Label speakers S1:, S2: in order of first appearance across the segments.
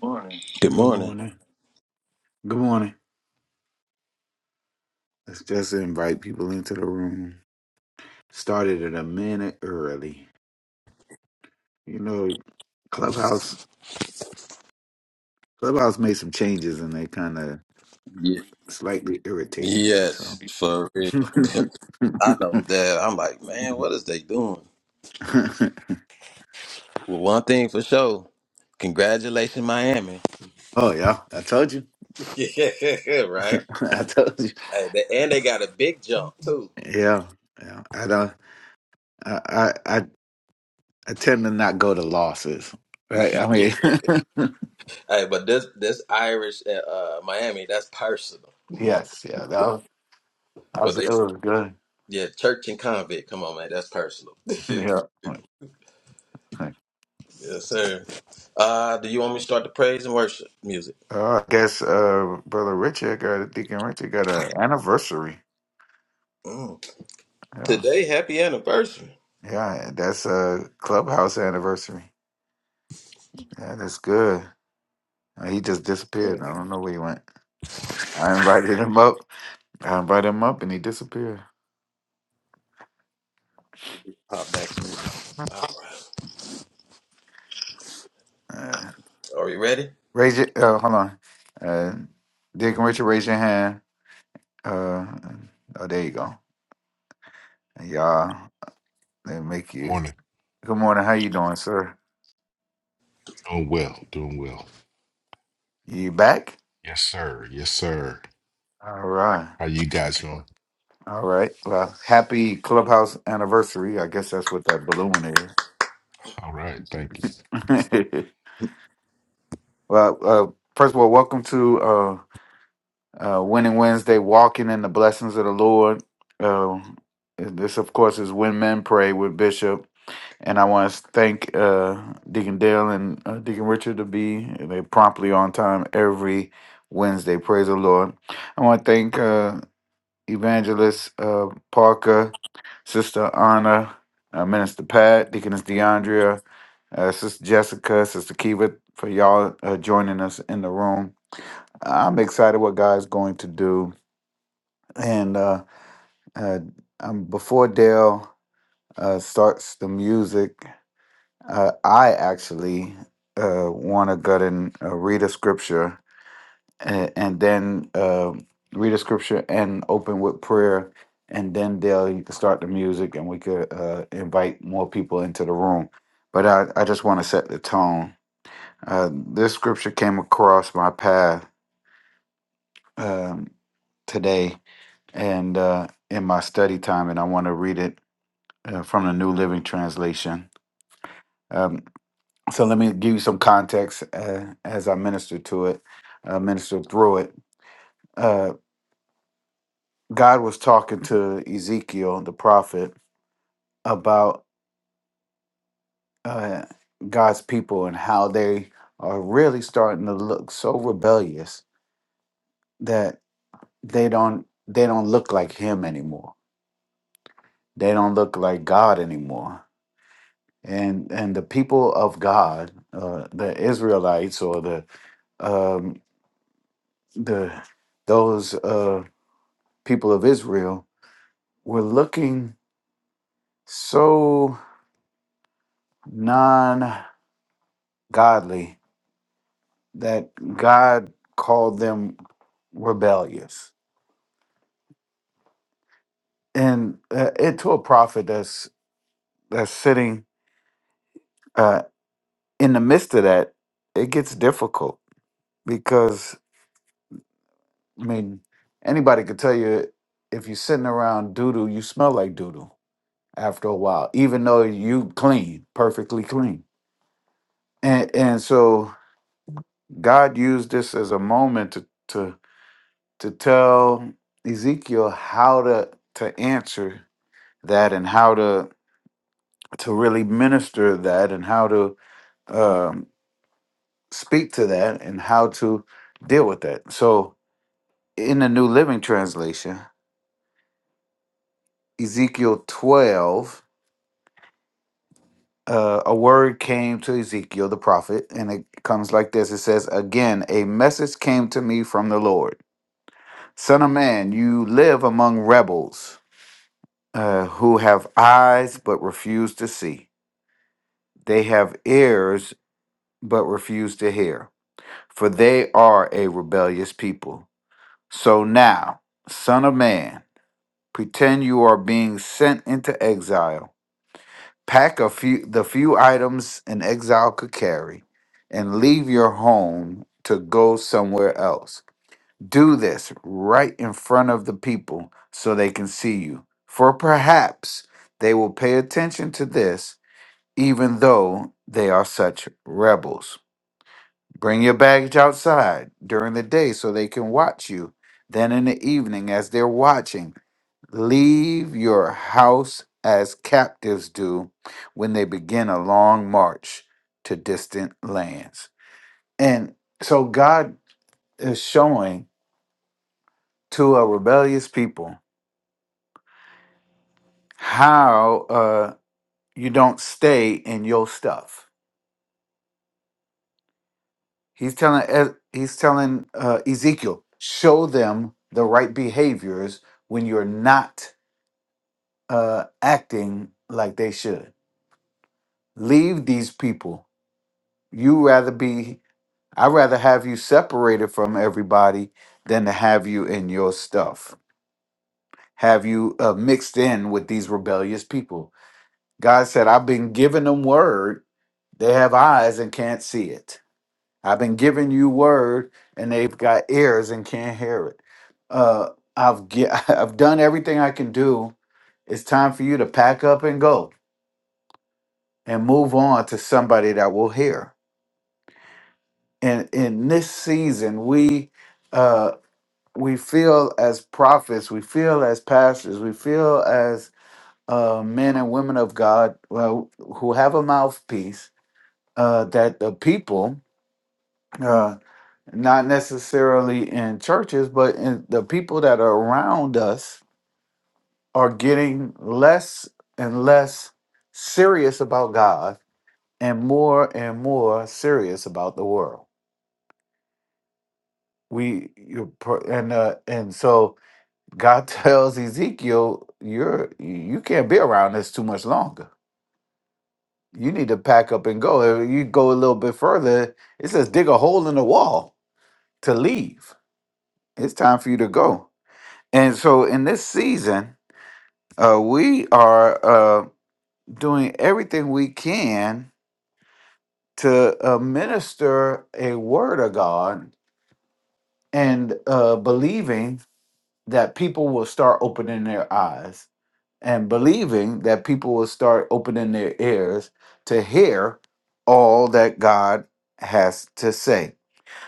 S1: Morning.
S2: Good
S1: Good
S2: morning.
S1: morning. Good morning. Let's just invite people into the room. Started it a minute early. You know, Clubhouse Clubhouse made some changes and they kind of
S2: Yeah.
S1: slightly irritating. So,
S2: Yes, for real. I know that. I'm like, man, what is they doing? Well, one thing for sure. Congratulations, Miami.
S1: oh yeah, I told you.
S2: Yeah, right.
S1: I told you.
S2: Hey, they, and they got a big jump too.
S1: Yeah, yeah. I don't. I I I, I tend to not go to losses. Right. I
S2: Yeah.
S1: mean,
S2: Hey, but this this Irish uh, uh, Miami, that's personal.
S1: yes, yeah. That was, that
S2: Well,
S1: was
S2: they
S1: it was good.
S2: yeah, church and convict. Come on, man, that's personal. yes,
S1: Yeah.
S2: sir. Uh, do you want me to start the praise and worship music?
S1: Uh, I guess uh, brother Richard got Deacon Richard got an anniversary.
S2: Mm.
S1: Yeah,
S2: Today, happy anniversary.
S1: yeah, that's a clubhouse anniversary. Yeah, that's good. Uh, He just
S2: Yeah.
S1: disappeared. I don't know where he went. I invited him up. I invited him up, and he disappeared.
S2: Pop back.
S1: Uh,
S2: Are you ready?
S1: raise your. Uh, hold on. Uh, Deacon Richard, raise your hand. Uh, oh, there you go. Y'all, they make
S3: Good
S1: you.
S3: morning.
S1: Good morning. How you doing, sir?
S3: Doing well. Doing well.
S1: You back?
S3: Yes, sir. Yes, sir.
S1: All right.
S3: How you guys doing?
S1: All right. Well, happy clubhouse anniversary. I guess that's what that balloon
S3: All right. Thank you.
S1: is. well, uh, first of all, welcome to uh, uh, Winning Wednesday, walking in the blessings of the Lord. Uh, this, of course, is When Men Pray with Bishop, and I want to thank uh, Deacon Dale and uh, Deacon Richard to be they promptly on time every Wednesday. Praise the Lord. I want to thank. uh, Evangelist uh, Parker, Sister Anna, uh, Minister Pat, Deaconess DeAndrea, uh, Sister Jessica, Sister Kiva, for y'all uh, joining us in the room. I'm excited what God's going to do. And uh, uh, um, before Dale uh, starts the music, uh, I actually uh, want to go ahead and uh, read a scripture and, and then uh, read a scripture and open with prayer and then Dale, you could start the music and we could uh, invite more people into the room but i, I just want to set the tone uh, this scripture came across my path um, today and uh, in my study time and i want to read it uh, from the new living translation um, so let me give you some context uh, as i minister to it uh, minister through it Uh, God was talking to Ezekiel, the prophet, about uh, God's people and how they are really starting to look so rebellious that they don't they don't look like Him anymore. They don't look like God anymore. And and the people of God, uh, the Israelites or the um, the those uh, people of Israel, were looking so non godly that God called them rebellious, and uh, it to a prophet that's that's sitting uh, in the midst of that, it gets difficult because I mean anybody could tell you if you're sitting around doo you smell like doo after a while, even though you clean, perfectly clean, and and so God used this as a moment to to to tell Ezekiel how to to answer that and how to to really minister that and how to um, speak to that and how to deal with that. So, in the New Living Translation, Ezekiel 12, uh, a word came to Ezekiel the prophet, and it comes like this It says, Again, a message came to me from the Lord Son of man, you live among rebels uh, who have eyes but refuse to see, they have ears but refuse to hear, for they are a rebellious people. So now, Son of Man, pretend you are being sent into exile. Pack a few the few items an exile could carry, and leave your home to go somewhere else. Do this right in front of the people so they can see you. For perhaps they will pay attention to this, even though they are such rebels. Bring your baggage outside during the day so they can watch you. Then in the evening, as they're watching, Leave your house as captives do when they begin a long march to distant lands. And so God is showing to a rebellious people how uh, you don't stay in your stuff. He's telling E- he's telling uh, Ezekiel, show them the right behaviors when you're not uh, acting like they should. Leave these people. You rather be I'd rather have you separated from everybody than to have you in your stuff, have you uh, mixed in with these rebellious people. God said, I've been giving them word. They have eyes and can't see it. I've been giving you word and they've got ears and can't hear it. Uh, I've, ge- I've done everything I can do. It's time for you to pack up and go and move on to somebody that will hear. And in this season, we. uh, we feel as prophets, we feel as pastors, we feel as uh, men and women of God well, who have a mouthpiece uh, that the people, uh, not necessarily in churches, but in the people that are around us, are getting less and less serious about God and more and more serious about the world. We you- and uh, and so God tells Ezekiel, "You're you can't be around this too much longer. You need to pack up and go. If you go a little bit further, it says dig a hole in the wall to leave. It's time for you to go." And so, in this season, uh, we are uh, doing everything we can to uh, minister a word of God and uh, believing that people will start opening their eyes and believing that people will start opening their ears to hear all that God has to say.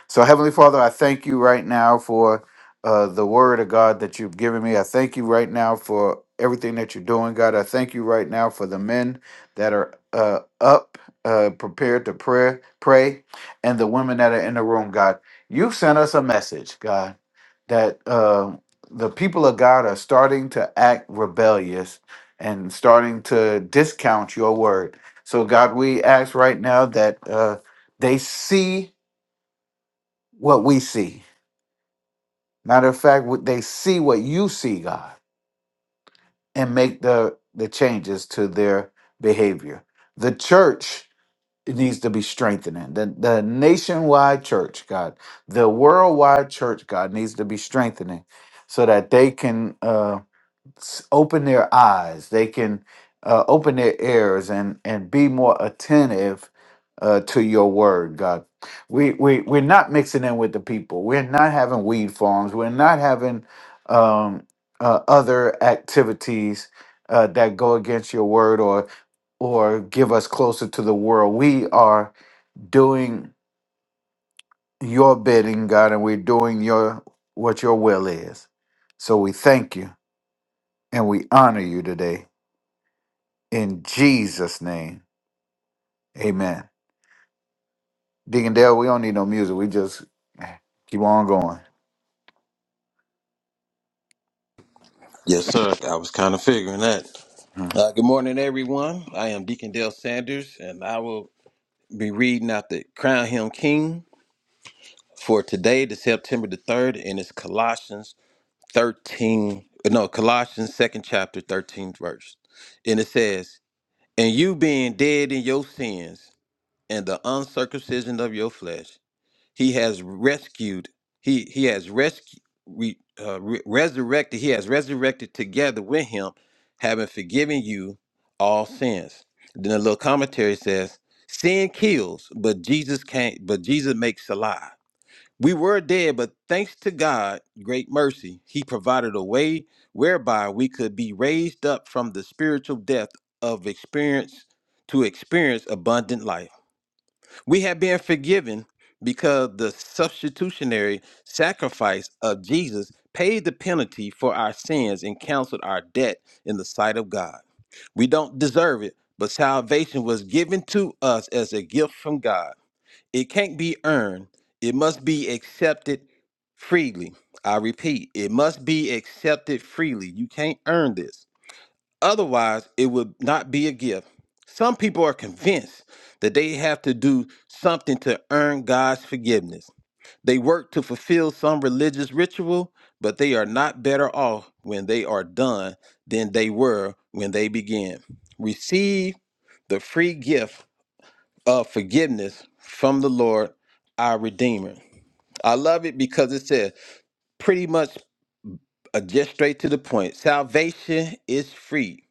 S1: So, Heavenly Father, I thank you right now for uh, the word of God that you've given me. I thank you right now for everything that you're doing, God. I thank you right now for the men that are uh, up, uh, prepared to pray, pray, and the women that are in the room, God. You sent us a message, God, that uh, the people of God are starting to act rebellious and starting to discount your word. So, God, we ask right now that uh, they see what we see. Matter of fact, what they see what you see, God, and make the the changes to their behavior. The church needs to be strengthening. The, the nationwide church, God, the worldwide church, God, needs to be strengthening so that they can uh s- open their eyes they can uh, open their ears and and be more attentive uh, to your word god we we we're not mixing in with the people we're not having weed farms we're not having um uh, other activities uh, that go against your word or or give us closer to the world we are doing your bidding god and we're doing your what your will is so we thank you and we honor you today In Jesus' name, amen. Deacon Dale, we don't need no music. We just keep on going.
S2: Yes, sir. I was kind of figuring that.
S1: Huh.
S2: Uh, good morning, everyone. I am Deacon Dale Sanders, and I will be reading out the Crown Him King for today, the September the 3rd, and it's Colossians 13, no, Colossians 2nd chapter, 13th verse. And it says, And you being dead in your sins and the uncircumcision of your flesh, He has rescued. He he has rescued. We uh, re- resurrected. He has resurrected together with him, having forgiven you all sins. Then a little commentary says, "Sin kills, but Jesus can't. But Jesus makes alive." We were dead, but thanks to God, great mercy, He provided a way whereby we could be raised up from the spiritual death of experience to experience abundant life. We have been forgiven because the substitutionary sacrifice of Jesus paid the penalty for our sins and canceled our debt in the sight of God. We don't deserve it, but salvation was given to us as a gift from God. It can't be earned, it must be accepted freely. I repeat, it must be accepted freely. You can't earn this. Otherwise, it would not be a gift. Some people are convinced that they have to do something to earn God's forgiveness. They work to fulfill some religious ritual, but they are not better off when they are done than they were when they began. Receive the free gift of forgiveness from the Lord, our Redeemer. I love it because it says pretty much uh, just straight to the point. Salvation is free.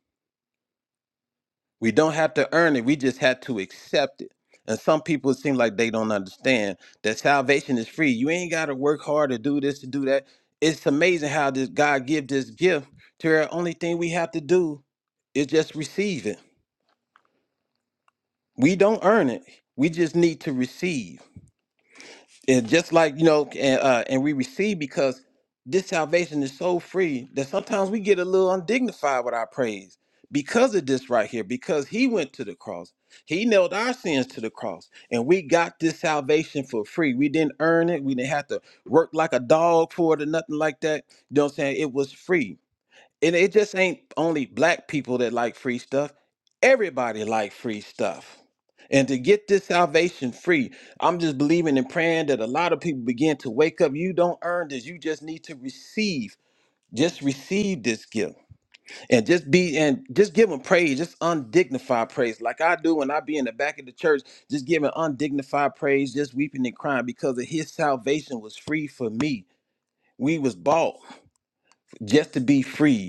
S2: We don't have to earn it. We just have to accept it. And some people seem like they don't understand that salvation is free. You ain't got to work hard to do this to do that. It's amazing how this God give this gift to where only thing we have to do is just receive it. We don't earn it. We just need to receive. and just like you know and, uh, and we receive because this salvation is so free that sometimes we get a little undignified with our praise because of this right here because he went to the cross he nailed our sins to the cross and we got this salvation for free we didn't earn it we didn't have to work like a dog for it or nothing like that you know what i'm saying it was free and it just ain't only black people that like free stuff everybody like free stuff and to get this salvation free i'm just believing and praying that a lot of people begin to wake up you don't earn this you just need to receive just receive this gift and just be and just give them praise just undignified praise like i do when i be in the back of the church just giving undignified praise just weeping and crying because of his salvation was free for me we was bought just to be freed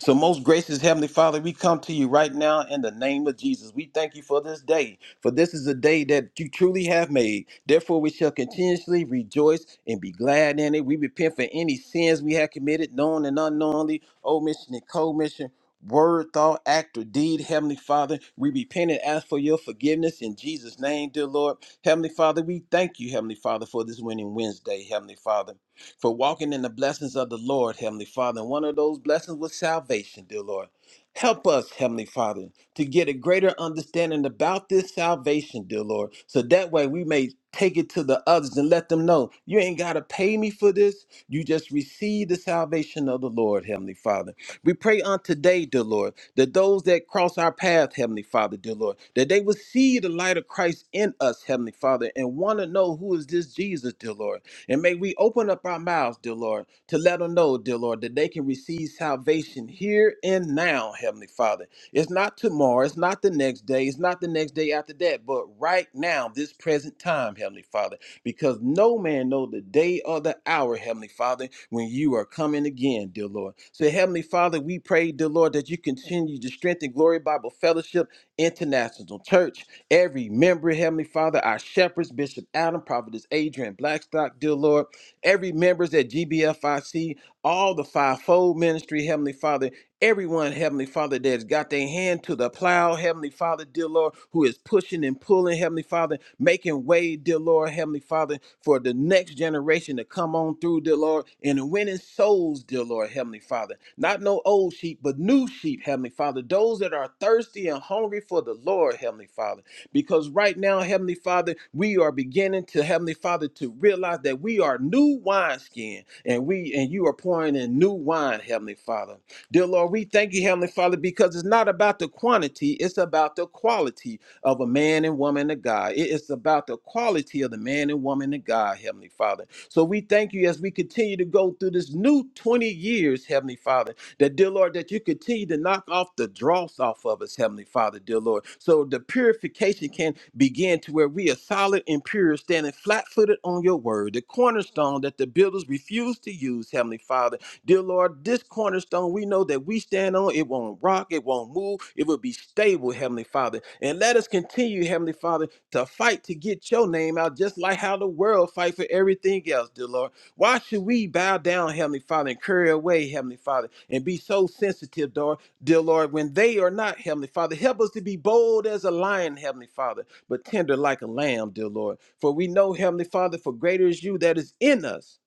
S2: so, most gracious Heavenly Father, we come to you right now in the name of Jesus. We thank you for this day, for this is a day that you truly have made. Therefore, we shall continuously rejoice and be glad in it. We repent for any sins we have committed, known and unknowingly, omission and commission. Word, thought, act, or deed, Heavenly Father, we repent and ask for your forgiveness in Jesus' name, dear Lord. Heavenly Father, we thank you, Heavenly Father, for this winning Wednesday, Heavenly Father for walking in the blessings of the Lord, Heavenly Father. And one of those blessings was salvation, dear Lord. Help us, Heavenly Father, to get a greater understanding about this salvation, dear Lord, so that way we may take it to the others and let them know you ain't got to pay me for this. You just receive the salvation of the Lord, Heavenly Father. We pray on today, dear Lord, that those that cross our path, Heavenly Father, dear Lord, that they will see the light of Christ in us, Heavenly Father, and want to know who is this Jesus, dear Lord. And may we open up our mouths, dear Lord, to let them know, dear Lord, that they can receive salvation here and now, Heavenly Father. It's not tomorrow, it's not the next day, it's not the next day after that, but right now, this present time, Heavenly Father, because no man know the day or the hour, Heavenly Father, when you are coming again, dear Lord. So, Heavenly Father, we pray, dear Lord, that you continue to strengthen Glory Bible Fellowship International Church Every member, Heavenly Father, our shepherds, Bishop Adam, Prophetess Adrian Blackstock, dear Lord, every members at GBFIC, all the fivefold ministry, Heavenly Father, everyone, Heavenly Father, that's got their hand to the plow, Heavenly Father, dear Lord, who is pushing and pulling, Heavenly Father, making way, dear Lord, Heavenly Father, for the next generation to come on through, dear Lord, and winning souls, dear Lord, Heavenly Father. Not no old sheep, but new sheep, Heavenly Father. Those that are thirsty and hungry for the Lord, Heavenly Father. Because right now, Heavenly Father, we are beginning to, Heavenly Father, to realize that we are new wineskin and we and you are pouring in new wine, Heavenly Father. Dear Lord, we thank you, Heavenly Father, because it's not about the quantity, it's about the quality of a man and woman of God. It is about the quality of the man and woman of God, Heavenly Father. So we thank you as we continue to go through this new 20 years, Heavenly Father that, dear Lord, that you continue to knock off the dross off of us, Heavenly Father, dear Lord. So the purification can begin to where we are solid and pure, standing flat footed on your word, the cornerstone that the builders refuse to use, Heavenly Father. Dear Lord, this cornerstone we know that we stand on, it won't rock, it won't move, it will be stable, Heavenly Father. And let us continue, Heavenly Father, to fight to get your name out, just like how the world fight for everything else, dear Lord. Why should we bow down, Heavenly Father, and curry away, Heavenly Father, and be so sensitive, Lord, dear Lord, when they are not, Heavenly Father? Help us to be bold as a lion, Heavenly Father, but tender like a lamb, dear Lord. For we know, Heavenly Father, for greater is you that is in us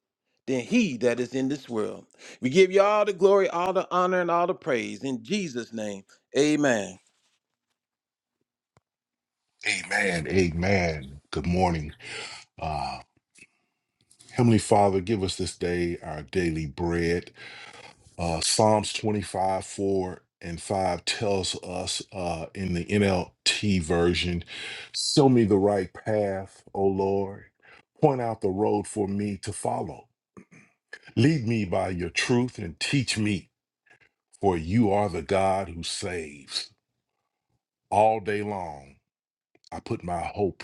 S2: than he that is in this world. We give you all the glory, all the honor, and all the praise. In Jesus' name, amen.
S3: Amen. Amen. Good morning. Uh, Heavenly Father, give us this day our daily bread. Uh, Psalms 25, 4 and 5 tells us uh, in the NLT version, show me the right path, O Lord. Point out the road for me to follow. Lead me by your truth and teach me. For you are the God who saves. All day long, I put my hope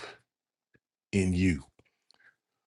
S3: in you.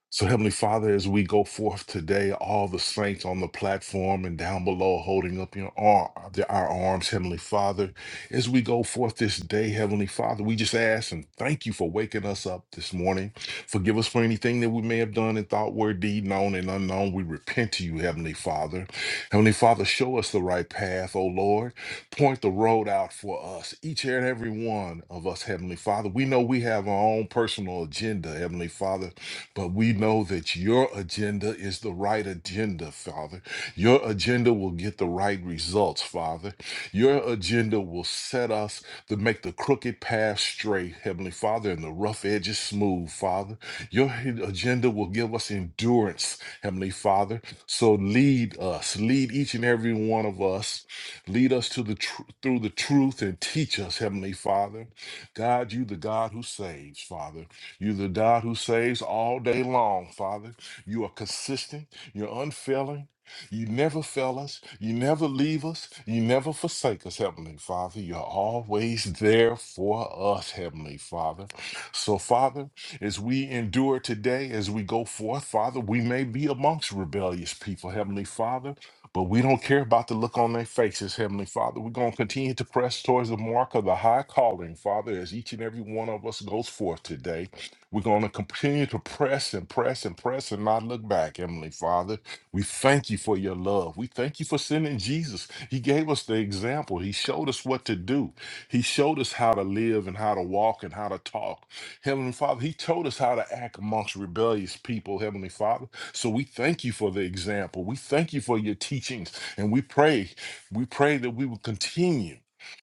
S3: So, Heavenly Father, as we go forth today, all the saints on the platform and down below holding up your arm, our arms, Heavenly Father, as we go forth this day, Heavenly Father, we just ask and thank you for waking us up this morning. Forgive us for anything that we may have done in thought, word, deed, known and unknown. We repent to you, Heavenly Father. Heavenly Father, show us the right path, O Lord. Point the road out for us, each and every one of us, Heavenly Father. We know we have our own personal agenda, Heavenly Father but we know that your agenda is the right agenda, Father. Your agenda will get the right results, Father. Your agenda will set us to make the crooked path straight, Heavenly Father, and the rough edges smooth, Father. Your agenda will give us endurance, Heavenly Father. So lead us, lead each and every one of us, lead us to the tr- through the truth and teach us, Heavenly Father. God, you the God who saves, Father. You're the God who saves all day long, Father. You are consistent. You're unfailing. You never fail us. You never leave us. You never forsake us, Heavenly Father. You're always there for us, Heavenly Father. So, Father, as we endure today, as we go forth, Father, we may be amongst rebellious people, Heavenly Father, but we don't care about the look on their faces, Heavenly Father. We're going to continue to press towards the mark of the high calling, Father, as each and every one of us goes forth today. We're going to continue to press and press and press and not look back, Heavenly Father. We thank you for your love. We thank you for sending Jesus. He gave us the example. He showed us what to do. He showed us how to live and how to walk and how to talk. Heavenly Father, He told us how to act amongst rebellious people, Heavenly Father. So we thank you for the example. We thank you for your teachings. And we pray, we pray that we will continue.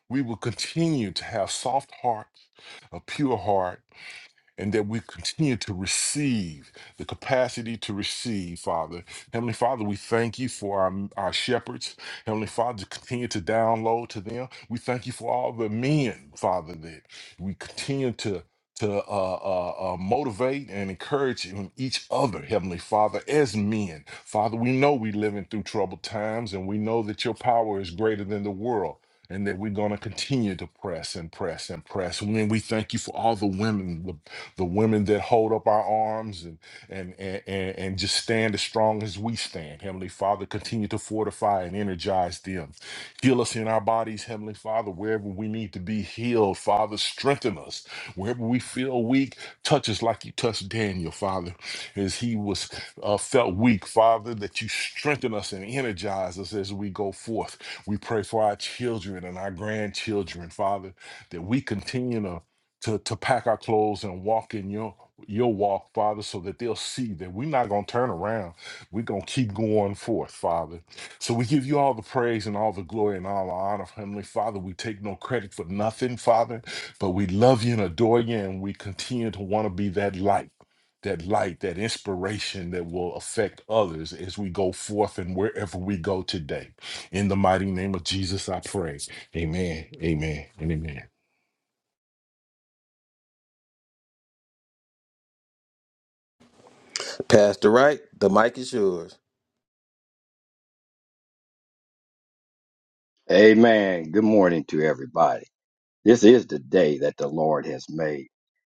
S3: We will continue to have soft heart, a pure heart and that we continue to receive the capacity to receive, Father. Heavenly Father, we thank you for our, our shepherds. Heavenly Father, continue to download to them. We thank you for all the men, Father, that we continue to to uh, uh, uh, motivate and encourage in each other, Heavenly Father, as men. Father, we know we're living through troubled times and we know that your power is greater than the world and that we're going to continue to press and press and press. And we thank you for all the women, the, the women that hold up our arms and, and, and, and, and just stand as strong as we stand. Heavenly Father, continue to fortify and energize them. Heal us in our bodies, Heavenly Father, wherever we need to be healed. Father, strengthen us. Wherever we feel weak, touch us like you touched Daniel, Father, as he was uh, felt weak, Father, that you strengthen us and energize us as we go forth. We pray for our children and our grandchildren, Father, that we continue to to, to pack our clothes and walk in your your walk, Father, so that they'll see that we're not going to turn around. We're going to keep going forth, Father. So we give you all the praise and all the glory and all the honor, Heavenly Father. We take no credit for nothing, Father, but we love you and adore you, and we continue to want to be that light. That light, that inspiration that will affect others as we go forth and wherever we go today. In the mighty name of Jesus, I pray. Amen. Amen. And amen.
S2: Pastor Wright, the mic is yours.
S4: Amen. Good morning to everybody. This is the day that the Lord has made.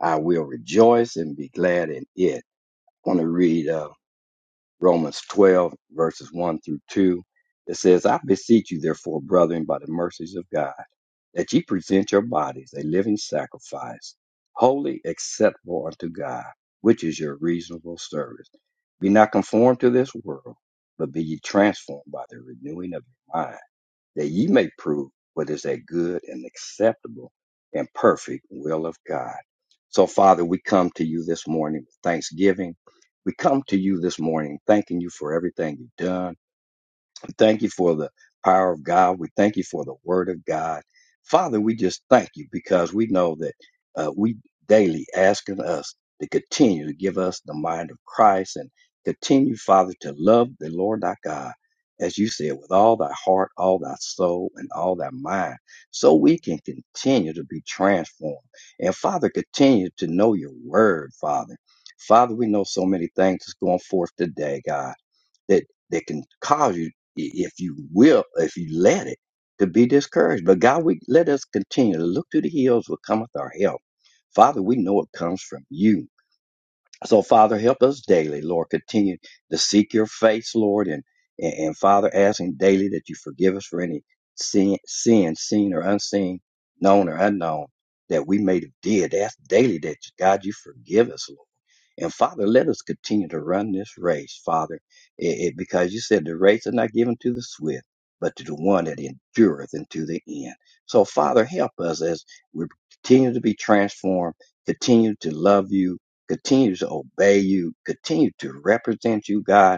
S4: I will rejoice and be glad in it. I want to read uh, Romans 12, verses 1 through 2. It says, I beseech you, therefore, brethren, by the mercies of God, that ye present your bodies a living sacrifice, holy, acceptable unto God, which is your reasonable service. Be not conformed to this world, but be ye transformed by the renewing of your mind that ye may prove what is that good and acceptable and perfect will of God. So, Father, we come to you this morning with thanksgiving. We come to you this morning thanking you for everything you've done we thank you for the power of God. We thank you for the word of God. Father, we just thank you because we know that uh, we daily asking us to continue to give us the mind of Christ and continue, Father, to love the Lord thy God, as you said, with all thy heart, all thy soul, and all thy mind, so we can continue to be transformed. And Father, continue to know your word, Father. Father, we know so many things is going forth today, God that that can cause you, i- if you will, if you let it, to be discouraged. But God, we let us continue to look to the hills where cometh our help. Father, we know it comes from you. So, Father, help us daily, Lord. Continue to seek your face, Lord, and and, and Father, asking daily that you forgive us for any sin, sin, seen or unseen, known or unknown, that we may have did. Ask daily that God, you forgive us, Lord. And Father, let us continue to run this race, Father, it, it- because you said the race is not given to the swift, but to the one that endureth unto the end. So, Father, help us as we continue to be transformed, continue to love you continue to obey you, continue to represent you, God,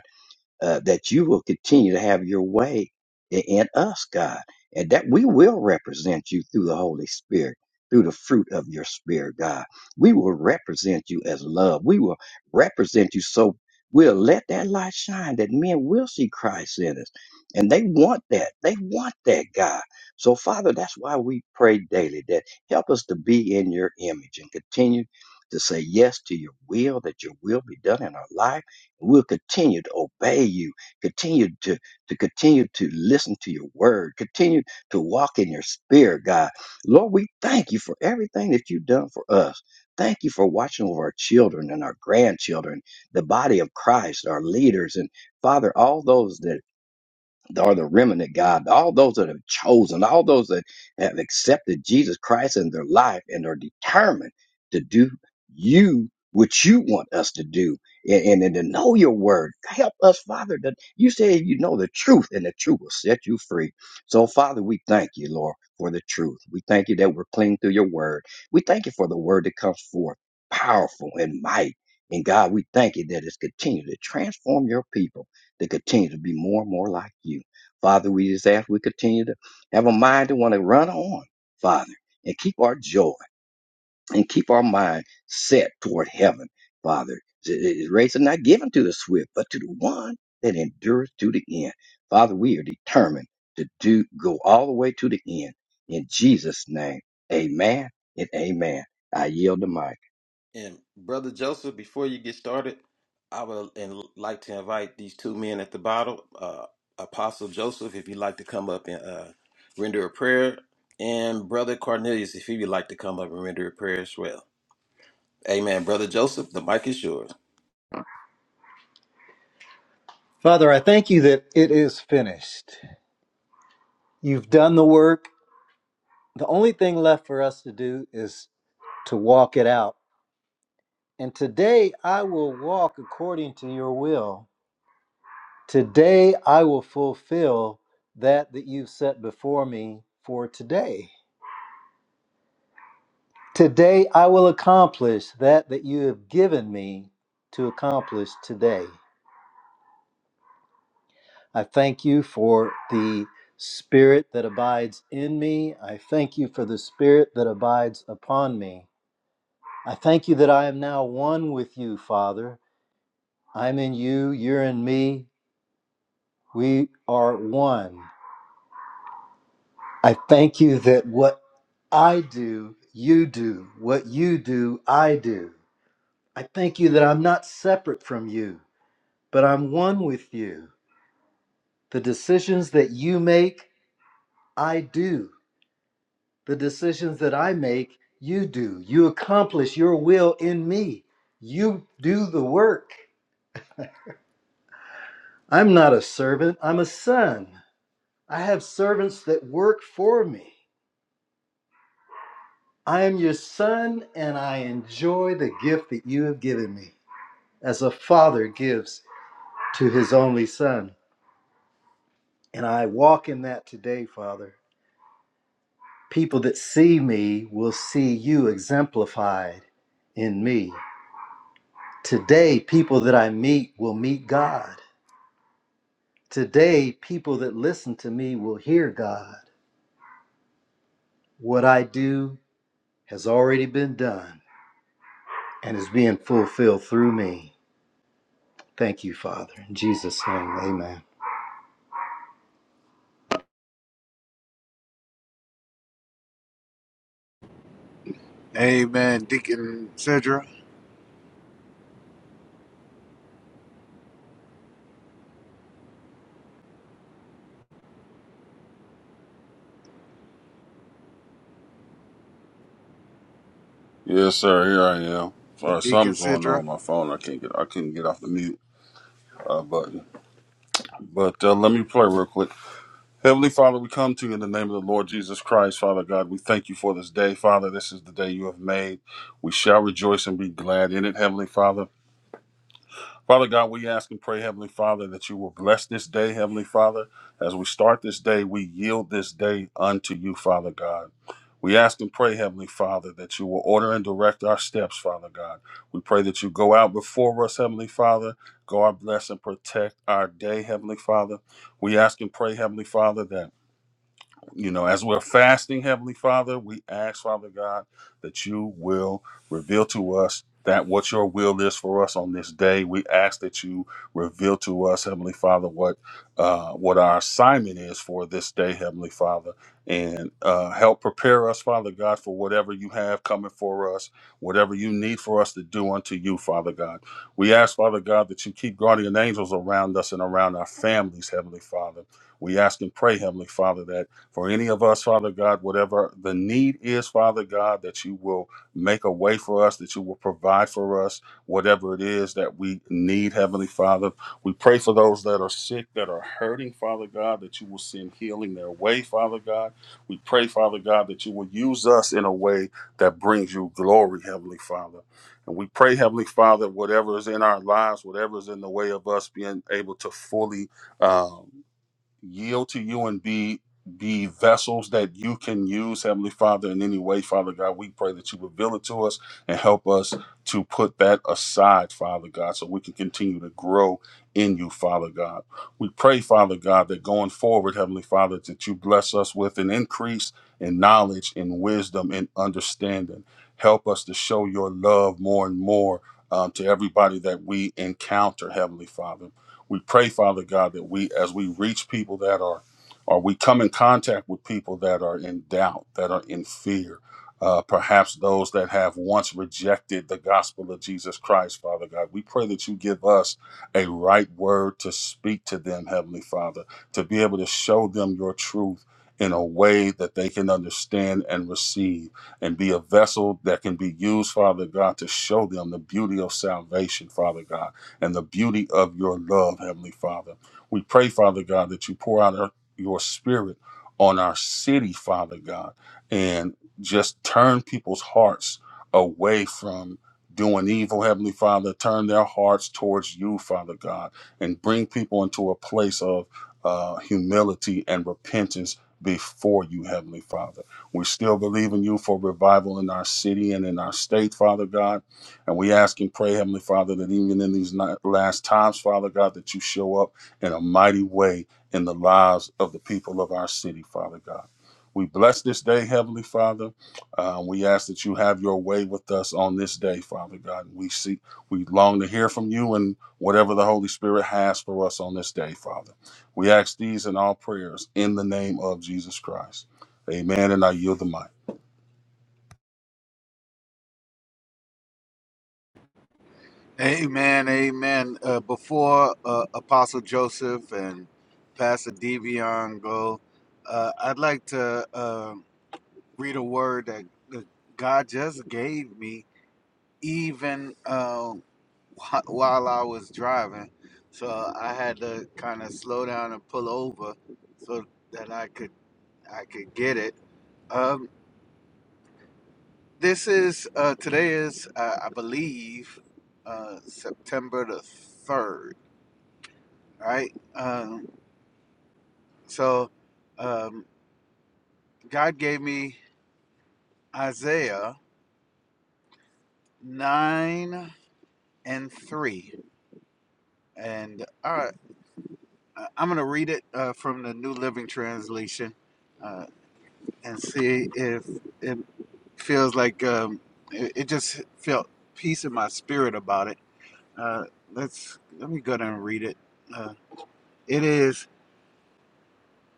S4: uh, that you will continue to have your way i- in us, God, and that we will represent you through the Holy Spirit, through the fruit of your Spirit, God. We will represent you as love. We will represent you so we'll let that light shine that men will see Christ in us. And they want that. They want that, God. So, Father, that's why we pray daily that help us to be in your image and continue to say yes to your will, that your will be done in our life We'll continue to obey you, continue to, to continue to listen to your word, continue to walk in your spirit, God. Lord, we thank you for everything that you've done for us. Thank you for watching over our children and our grandchildren, the body of Christ, our leaders, and Father, all those that are the remnant, God, all those that have chosen, all those that have accepted Jesus Christ in their life and are determined to do you what you want us to do and, and, and to know your word. Help us, Father, that you say you know the truth and the truth will set you free. So, Father, we thank you, Lord, for the truth. We thank you that we're clean through your word. We thank you for the word that comes forth, powerful and mighty. And God, we thank you that it's continued to transform your people to continue to be more and more like you. Father, we just ask we continue to have a mind to want to run on, Father, and keep our joy and keep our mind set toward heaven, Father. His race is not given to the swift, but to the one that endures to the end. Father, we are determined to do go all the way to the end. In Jesus' name, amen and amen. I yield the mic.
S2: And Brother Joseph, before you get started, I would and like to invite these two men at the bottom, uh, Apostle Joseph, if you'd like to come up and uh, render a prayer, and Brother Cornelius, if he would like to come up and render a prayer as well. Amen. Brother Joseph, the mic is yours.
S5: Father, I thank you that it is finished. You've done the work. The only thing left for us to do is to walk it out. And today I will walk according to your will. Today I will fulfill that that you've set before me for today. Today I will accomplish that that you have given me to accomplish today. I thank you for the Spirit that abides in me. I thank you for the Spirit that abides upon me. I thank you that I am now one with you, Father. I'm in you, you're in me. We are one. I thank you that what I do, you do. What you do, I do. I thank you that I'm not separate from you, but I'm one with you. The decisions that you make, I do. The decisions that I make, you do. You accomplish your will in me. You do the work. I'm not a servant, I'm a son. I have servants that work for me. I am your son, and I enjoy the gift that you have given me, as a father gives to his only son. And I walk in that today, Father. People that see me will see you exemplified in me. Today, people that I meet will meet God. Today, people that listen to me will hear God. What I do has already been done and is being fulfilled through me. Thank you, Father. In Jesus' name, amen.
S1: Amen, Deacon Sidra.
S6: Yes, sir. Here I am. Sorry,
S1: Deacon
S6: something's going on
S1: Sidra.
S6: on my phone. I can't get. I couldn't get off the mute uh, button. But uh, let me play real quick. Heavenly Father, we come to you in the name of the Lord Jesus Christ, Father God. We thank you for this day, Father. This is the day you have made. We shall rejoice and be glad in it, Heavenly Father. Father God, we ask and pray, Heavenly Father, that you will bless this day, Heavenly Father. As we start this day, we yield this day unto you, Father God. We ask and pray, Heavenly Father, that you will order and direct our steps, Father God. We pray that you go out before us, Heavenly Father. God bless and protect our day, Heavenly Father. We ask and pray, Heavenly Father, that you know, as we're fasting, Heavenly Father, we ask, Father God, that you will reveal to us that what your will is for us on this day. We ask that you reveal to us, Heavenly Father, what uh, what our assignment is for this day, Heavenly Father, and uh, help prepare us, Father God, for whatever you have coming for us, whatever you need for us to do unto you, Father God. We ask, Father God, that you keep guardian angels around us and around our families, Heavenly Father. We ask and pray, Heavenly Father, that for any of us, Father God, whatever the need is, Father God, that you will make a way for us, that you will provide for us, whatever it is that we need, Heavenly Father. We pray for those that are sick, that are hurting, Father God, that you will send healing their way, Father God. We pray, Father God, that you will use us in a way that brings you glory, Heavenly Father. And we pray, Heavenly Father, whatever is in our lives, whatever is in the way of us being able to fully. Um, yield to you and be be vessels that you can use, Heavenly Father, in any way, Father God. We pray that you reveal it to us and help us to put that aside, Father God, so we can continue to grow in you, Father God. We pray, Father God, that going forward, Heavenly Father, that you bless us with an increase in knowledge, in wisdom, in understanding. Help us to show your love more and more um, to everybody that we encounter, Heavenly Father. We pray, Father God, that we, as we reach people that are, or we come in contact with people that are in doubt, that are in fear, uh, perhaps those that have once rejected the gospel of Jesus Christ, Father God, we pray that you give us a right word to speak to them, Heavenly Father, to be able to show them your truth in a way that they can understand and receive and be a vessel that can be used, Father God, to show them the beauty of salvation, Father God and the beauty of your love, Heavenly Father. We pray, Father God, that you pour out our- your spirit on our city, Father God, and just turn people's hearts away from doing evil, Heavenly Father. Turn their hearts towards you, Father God, and bring people into a place of uh, humility and repentance before you, Heavenly Father. We still believe in you for revival in our city and in our state, Father God. And we ask and pray, Heavenly Father, that even in these last times, Father God, that you show up in a mighty way in the lives of the people of our city, Father God. We bless this day, Heavenly Father. Um, we ask that you have your way with us on this day, Father God. We seek, we long to hear from you and whatever the Holy Spirit has for us on this day, Father. We ask these in all prayers in the name of Jesus Christ. Amen. And I yield the mic.
S1: Amen, amen. Uh, before uh, Apostle Joseph and Pastor Devion go, uh, I'd like to uh, read a word that that God just gave me, even um, wh- while I was driving, so I had to kind of slow down and pull over so that I could I could get it. Um, this is uh, today is uh, I believe uh, September the third, right? Um, so um, God gave me Isaiah nine and three, and all right, I- I'm gonna read it uh, from the New Living Translation. Uh, and see if it feels like um, it, it just felt peace in my spirit about it. Uh, let's let me go down and read it. Uh, it is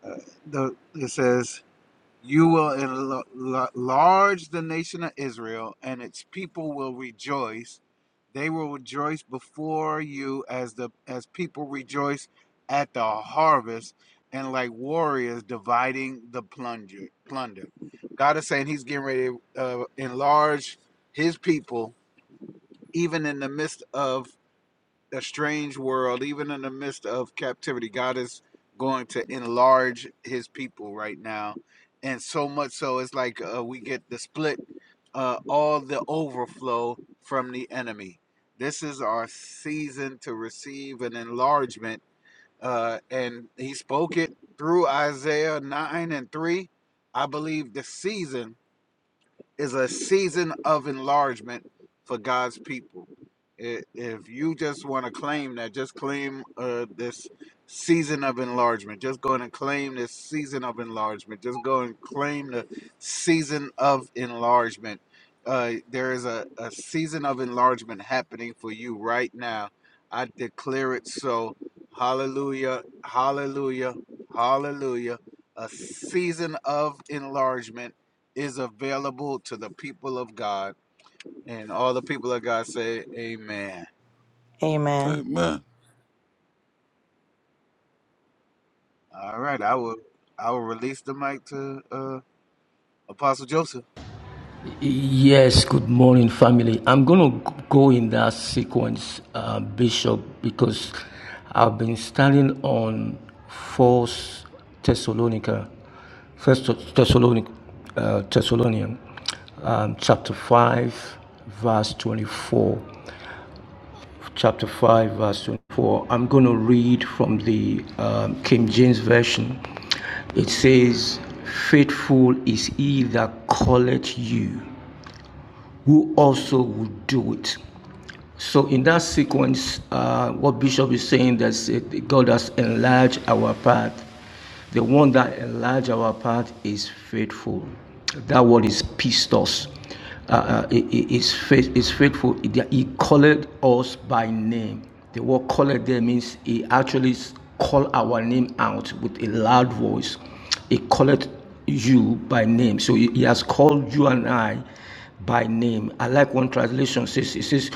S1: uh, the it says you will enla- la- enlarge the nation of Israel, and its people will rejoice. They will rejoice before you as the as people rejoice at the harvest, and like warriors dividing the plunger plunder. God is saying He's getting ready to uh, enlarge His people, even in the midst of a strange world, even in the midst of captivity. God is going to enlarge his people right now. And so much so, it's like uh, we get the split, uh, all the overflow from the enemy. This is our season to receive an enlargement. Uh, and he spoke it through Isaiah 9 and 3. I believe the season is a season of enlargement for God's people. If you just want to claim that, just claim uh, this season of enlargement. Just go in and claim this season of enlargement. Just go and claim the season of enlargement. Uh, there is a, a season of enlargement happening for you right now. I declare it so. Hallelujah, hallelujah, hallelujah. A season of enlargement is available to the people of God. And all the people of God say, Amen.
S7: Amen.
S6: Amen.
S1: All right, I will I will release the mic to uh Apostle Joseph.
S8: Yes, good morning, family. I'm going to go in that sequence, uh, Bishop, because I've been standing on First Thessalonica, First Thessalonic, uh, Thessalonian, um, chapter five, verse twenty-four. Chapter five, verse twenty-four. I'm going to read from the um, King James version. It says, "Faithful is he that calleth you." who also would do it. So, in that sequence, uh, what Bishop is saying that uh, God has enlarged our path. The one that enlarged our path is faithful. That word is pistos. Uh, uh, i- faith is faithful. He called us by name. The word called there means he actually called our name out with a loud voice. He called you by name. So he has called you and I by name. I like one translation says it says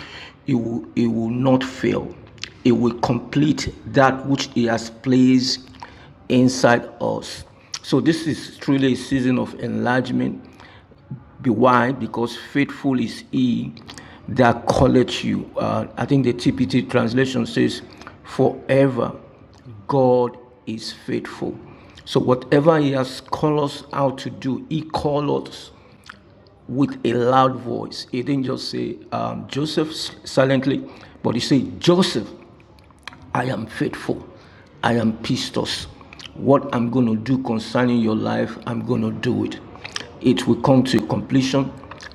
S8: it will, it will not fail. It will complete that which he has placed inside us. So this is truly a season of enlargement be wise because faithful is he that calleth you. Uh, I think the TPT translation says, Forever God is faithful. So, whatever He has called us out to do, He called us with a loud voice. He didn't just say um, Joseph silently, but He said, Joseph, I am faithful. I am pistos. What I'm going to do concerning your life, I'm going to do it. It will come to completion.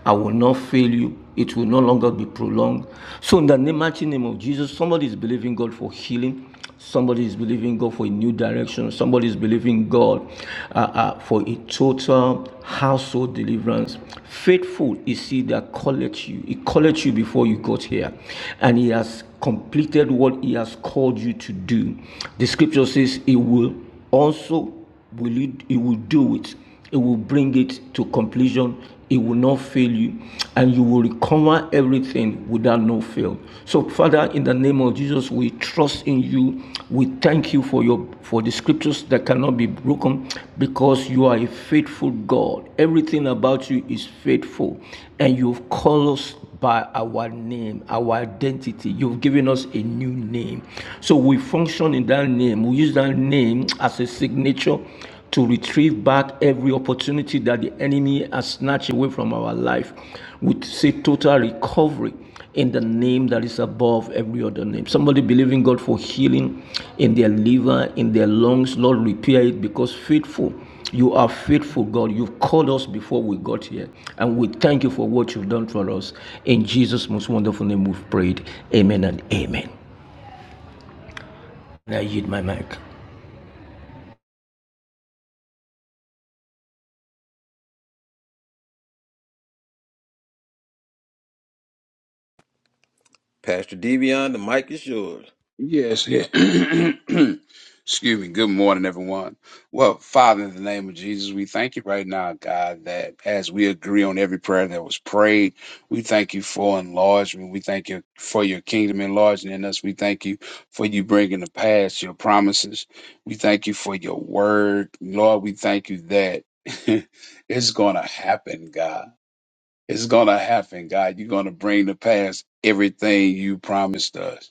S8: I will not fail you. It will no longer be prolonged. So, in the name, mighty name of Jesus, somebody is believing God for healing. Somebody is believing God for a new direction. Somebody is believing God uh, uh, for a total household deliverance. Faithful is He that calleth you. He calleth you before you got here, and He has completed what He has called you to do. The scripture says He will also will it? It will do it. It will bring it to completion. It will not fail you, and you will recover everything without no fail. So, Father, in the name of Jesus, we trust in you. We thank you for your for the scriptures that cannot be broken, because you are a faithful God. Everything about you is faithful, and you've called us by our name, our identity. You've given us a new name. So we function in that name. We use that name as a signature to retrieve back every opportunity that the enemy has snatched away from our life. We say total recovery in the name that is above every other name. Somebody believing God for healing in their liver, in their lungs. Lord, repair it because faithful. You are faithful, God. You've called us before we got here. And we thank you for what you've done for us. In Jesus' most wonderful name, we've prayed. Amen and amen. And I yield my mic.
S2: Pastor Devion, the mic is yours.
S9: Yes. yeah. Excuse me. Good morning, everyone. Well, Father, in the name of Jesus, we thank you right now, God, that as we agree on every prayer that was prayed, we thank you for enlargement. We thank you for your kingdom enlarging in us. We thank you for you bringing to pass your promises. We thank you for your word. Lord, we thank you that it's going to happen, God. It's going to happen, God. You're going to bring to pass everything you promised us.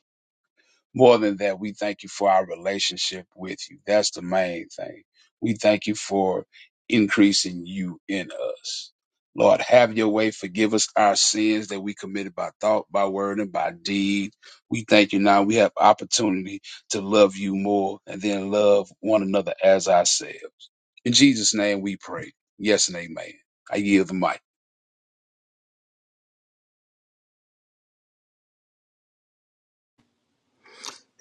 S9: More than that, we thank you for our relationship with you. That's the main thing. We thank you for increasing you in us. Lord, have your way. Forgive us our sins that we committed by thought, by word, and by deed. We thank you now. We have opportunity to love you more and then love one another as ourselves. In Jesus' name we pray. Yes and amen. I yield the mic.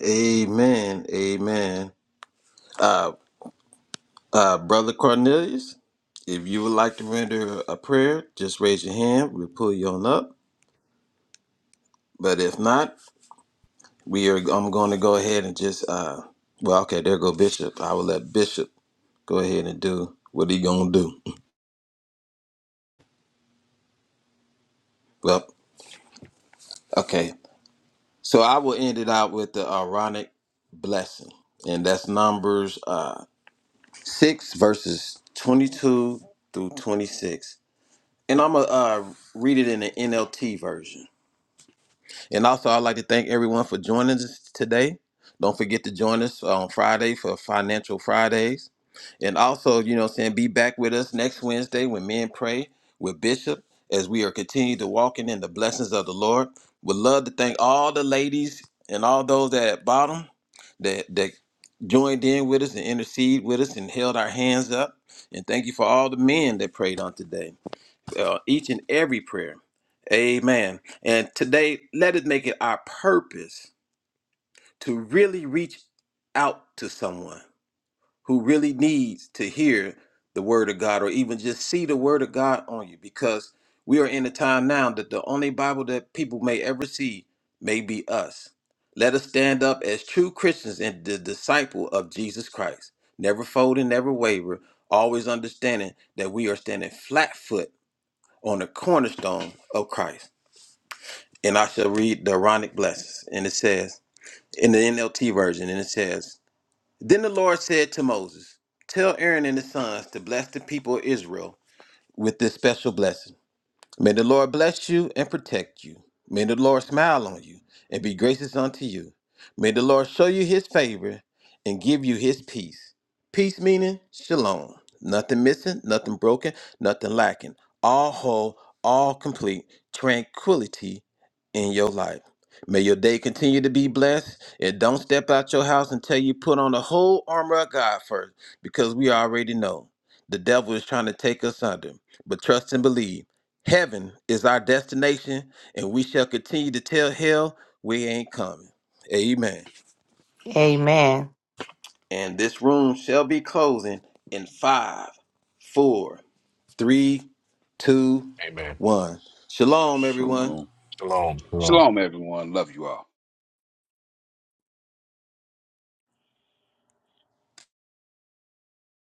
S2: Amen. Amen. Uh, uh, Brother Cornelius, if you would like to render a prayer, just raise your hand. We'll pull you on up. But if not, We are. I'm going to go ahead and just. Uh, well, okay. There go Bishop. I will let Bishop go ahead and do what he gonna do. Well, okay. So I will end it out with the Aaronic blessing, and that's Numbers uh, six verses twenty-two through twenty-six. And I'm gonna uh, read it in the NLT version. And also, I'd like to thank everyone for joining us today. Don't forget to join us on Friday for Financial Fridays. And also, you know, what I'm saying be back with us next Wednesday when men pray with Bishop as we are continuing to walking in the blessings of the Lord. Would love to thank all the ladies and all those at bottom that that joined in with us and intercede with us and held our hands up. And thank you for all the men that prayed on today uh, each and every prayer. Amen. And today, let us make it our purpose to really reach out to someone who really needs to hear the word of God or even just see the word of God on you because we are in a time now that the only Bible that people may ever see may be us. Let us stand up as true Christians and the disciple of Jesus Christ, never folding, never waver, always understanding that we are standing flat foot on the cornerstone of Christ. And I shall read the Aaronic blessings. And it says, in the NLT version, and it says, Then the Lord said to Moses, Tell Aaron and his sons to bless the people of Israel with this special blessing. May the Lord bless you and protect you. May the Lord smile on you and be gracious unto you. May the Lord show you his favor and give you his peace. Peace meaning shalom. Nothing missing, nothing broken, nothing lacking. All whole, all complete, tranquility in your life. May your day continue to be blessed and don't step out your house until you put on the whole armor of God first because we already know the devil is trying to take us under. But trust and believe Heaven is our destination, and we shall continue to tell hell we ain't coming. Amen.
S7: Amen.
S2: And this room shall be closing in five, four, three, two,
S3: Amen.
S2: one. Shalom, everyone.
S6: Shalom.
S3: Shalom. Shalom.
S9: Shalom, everyone. Love you all.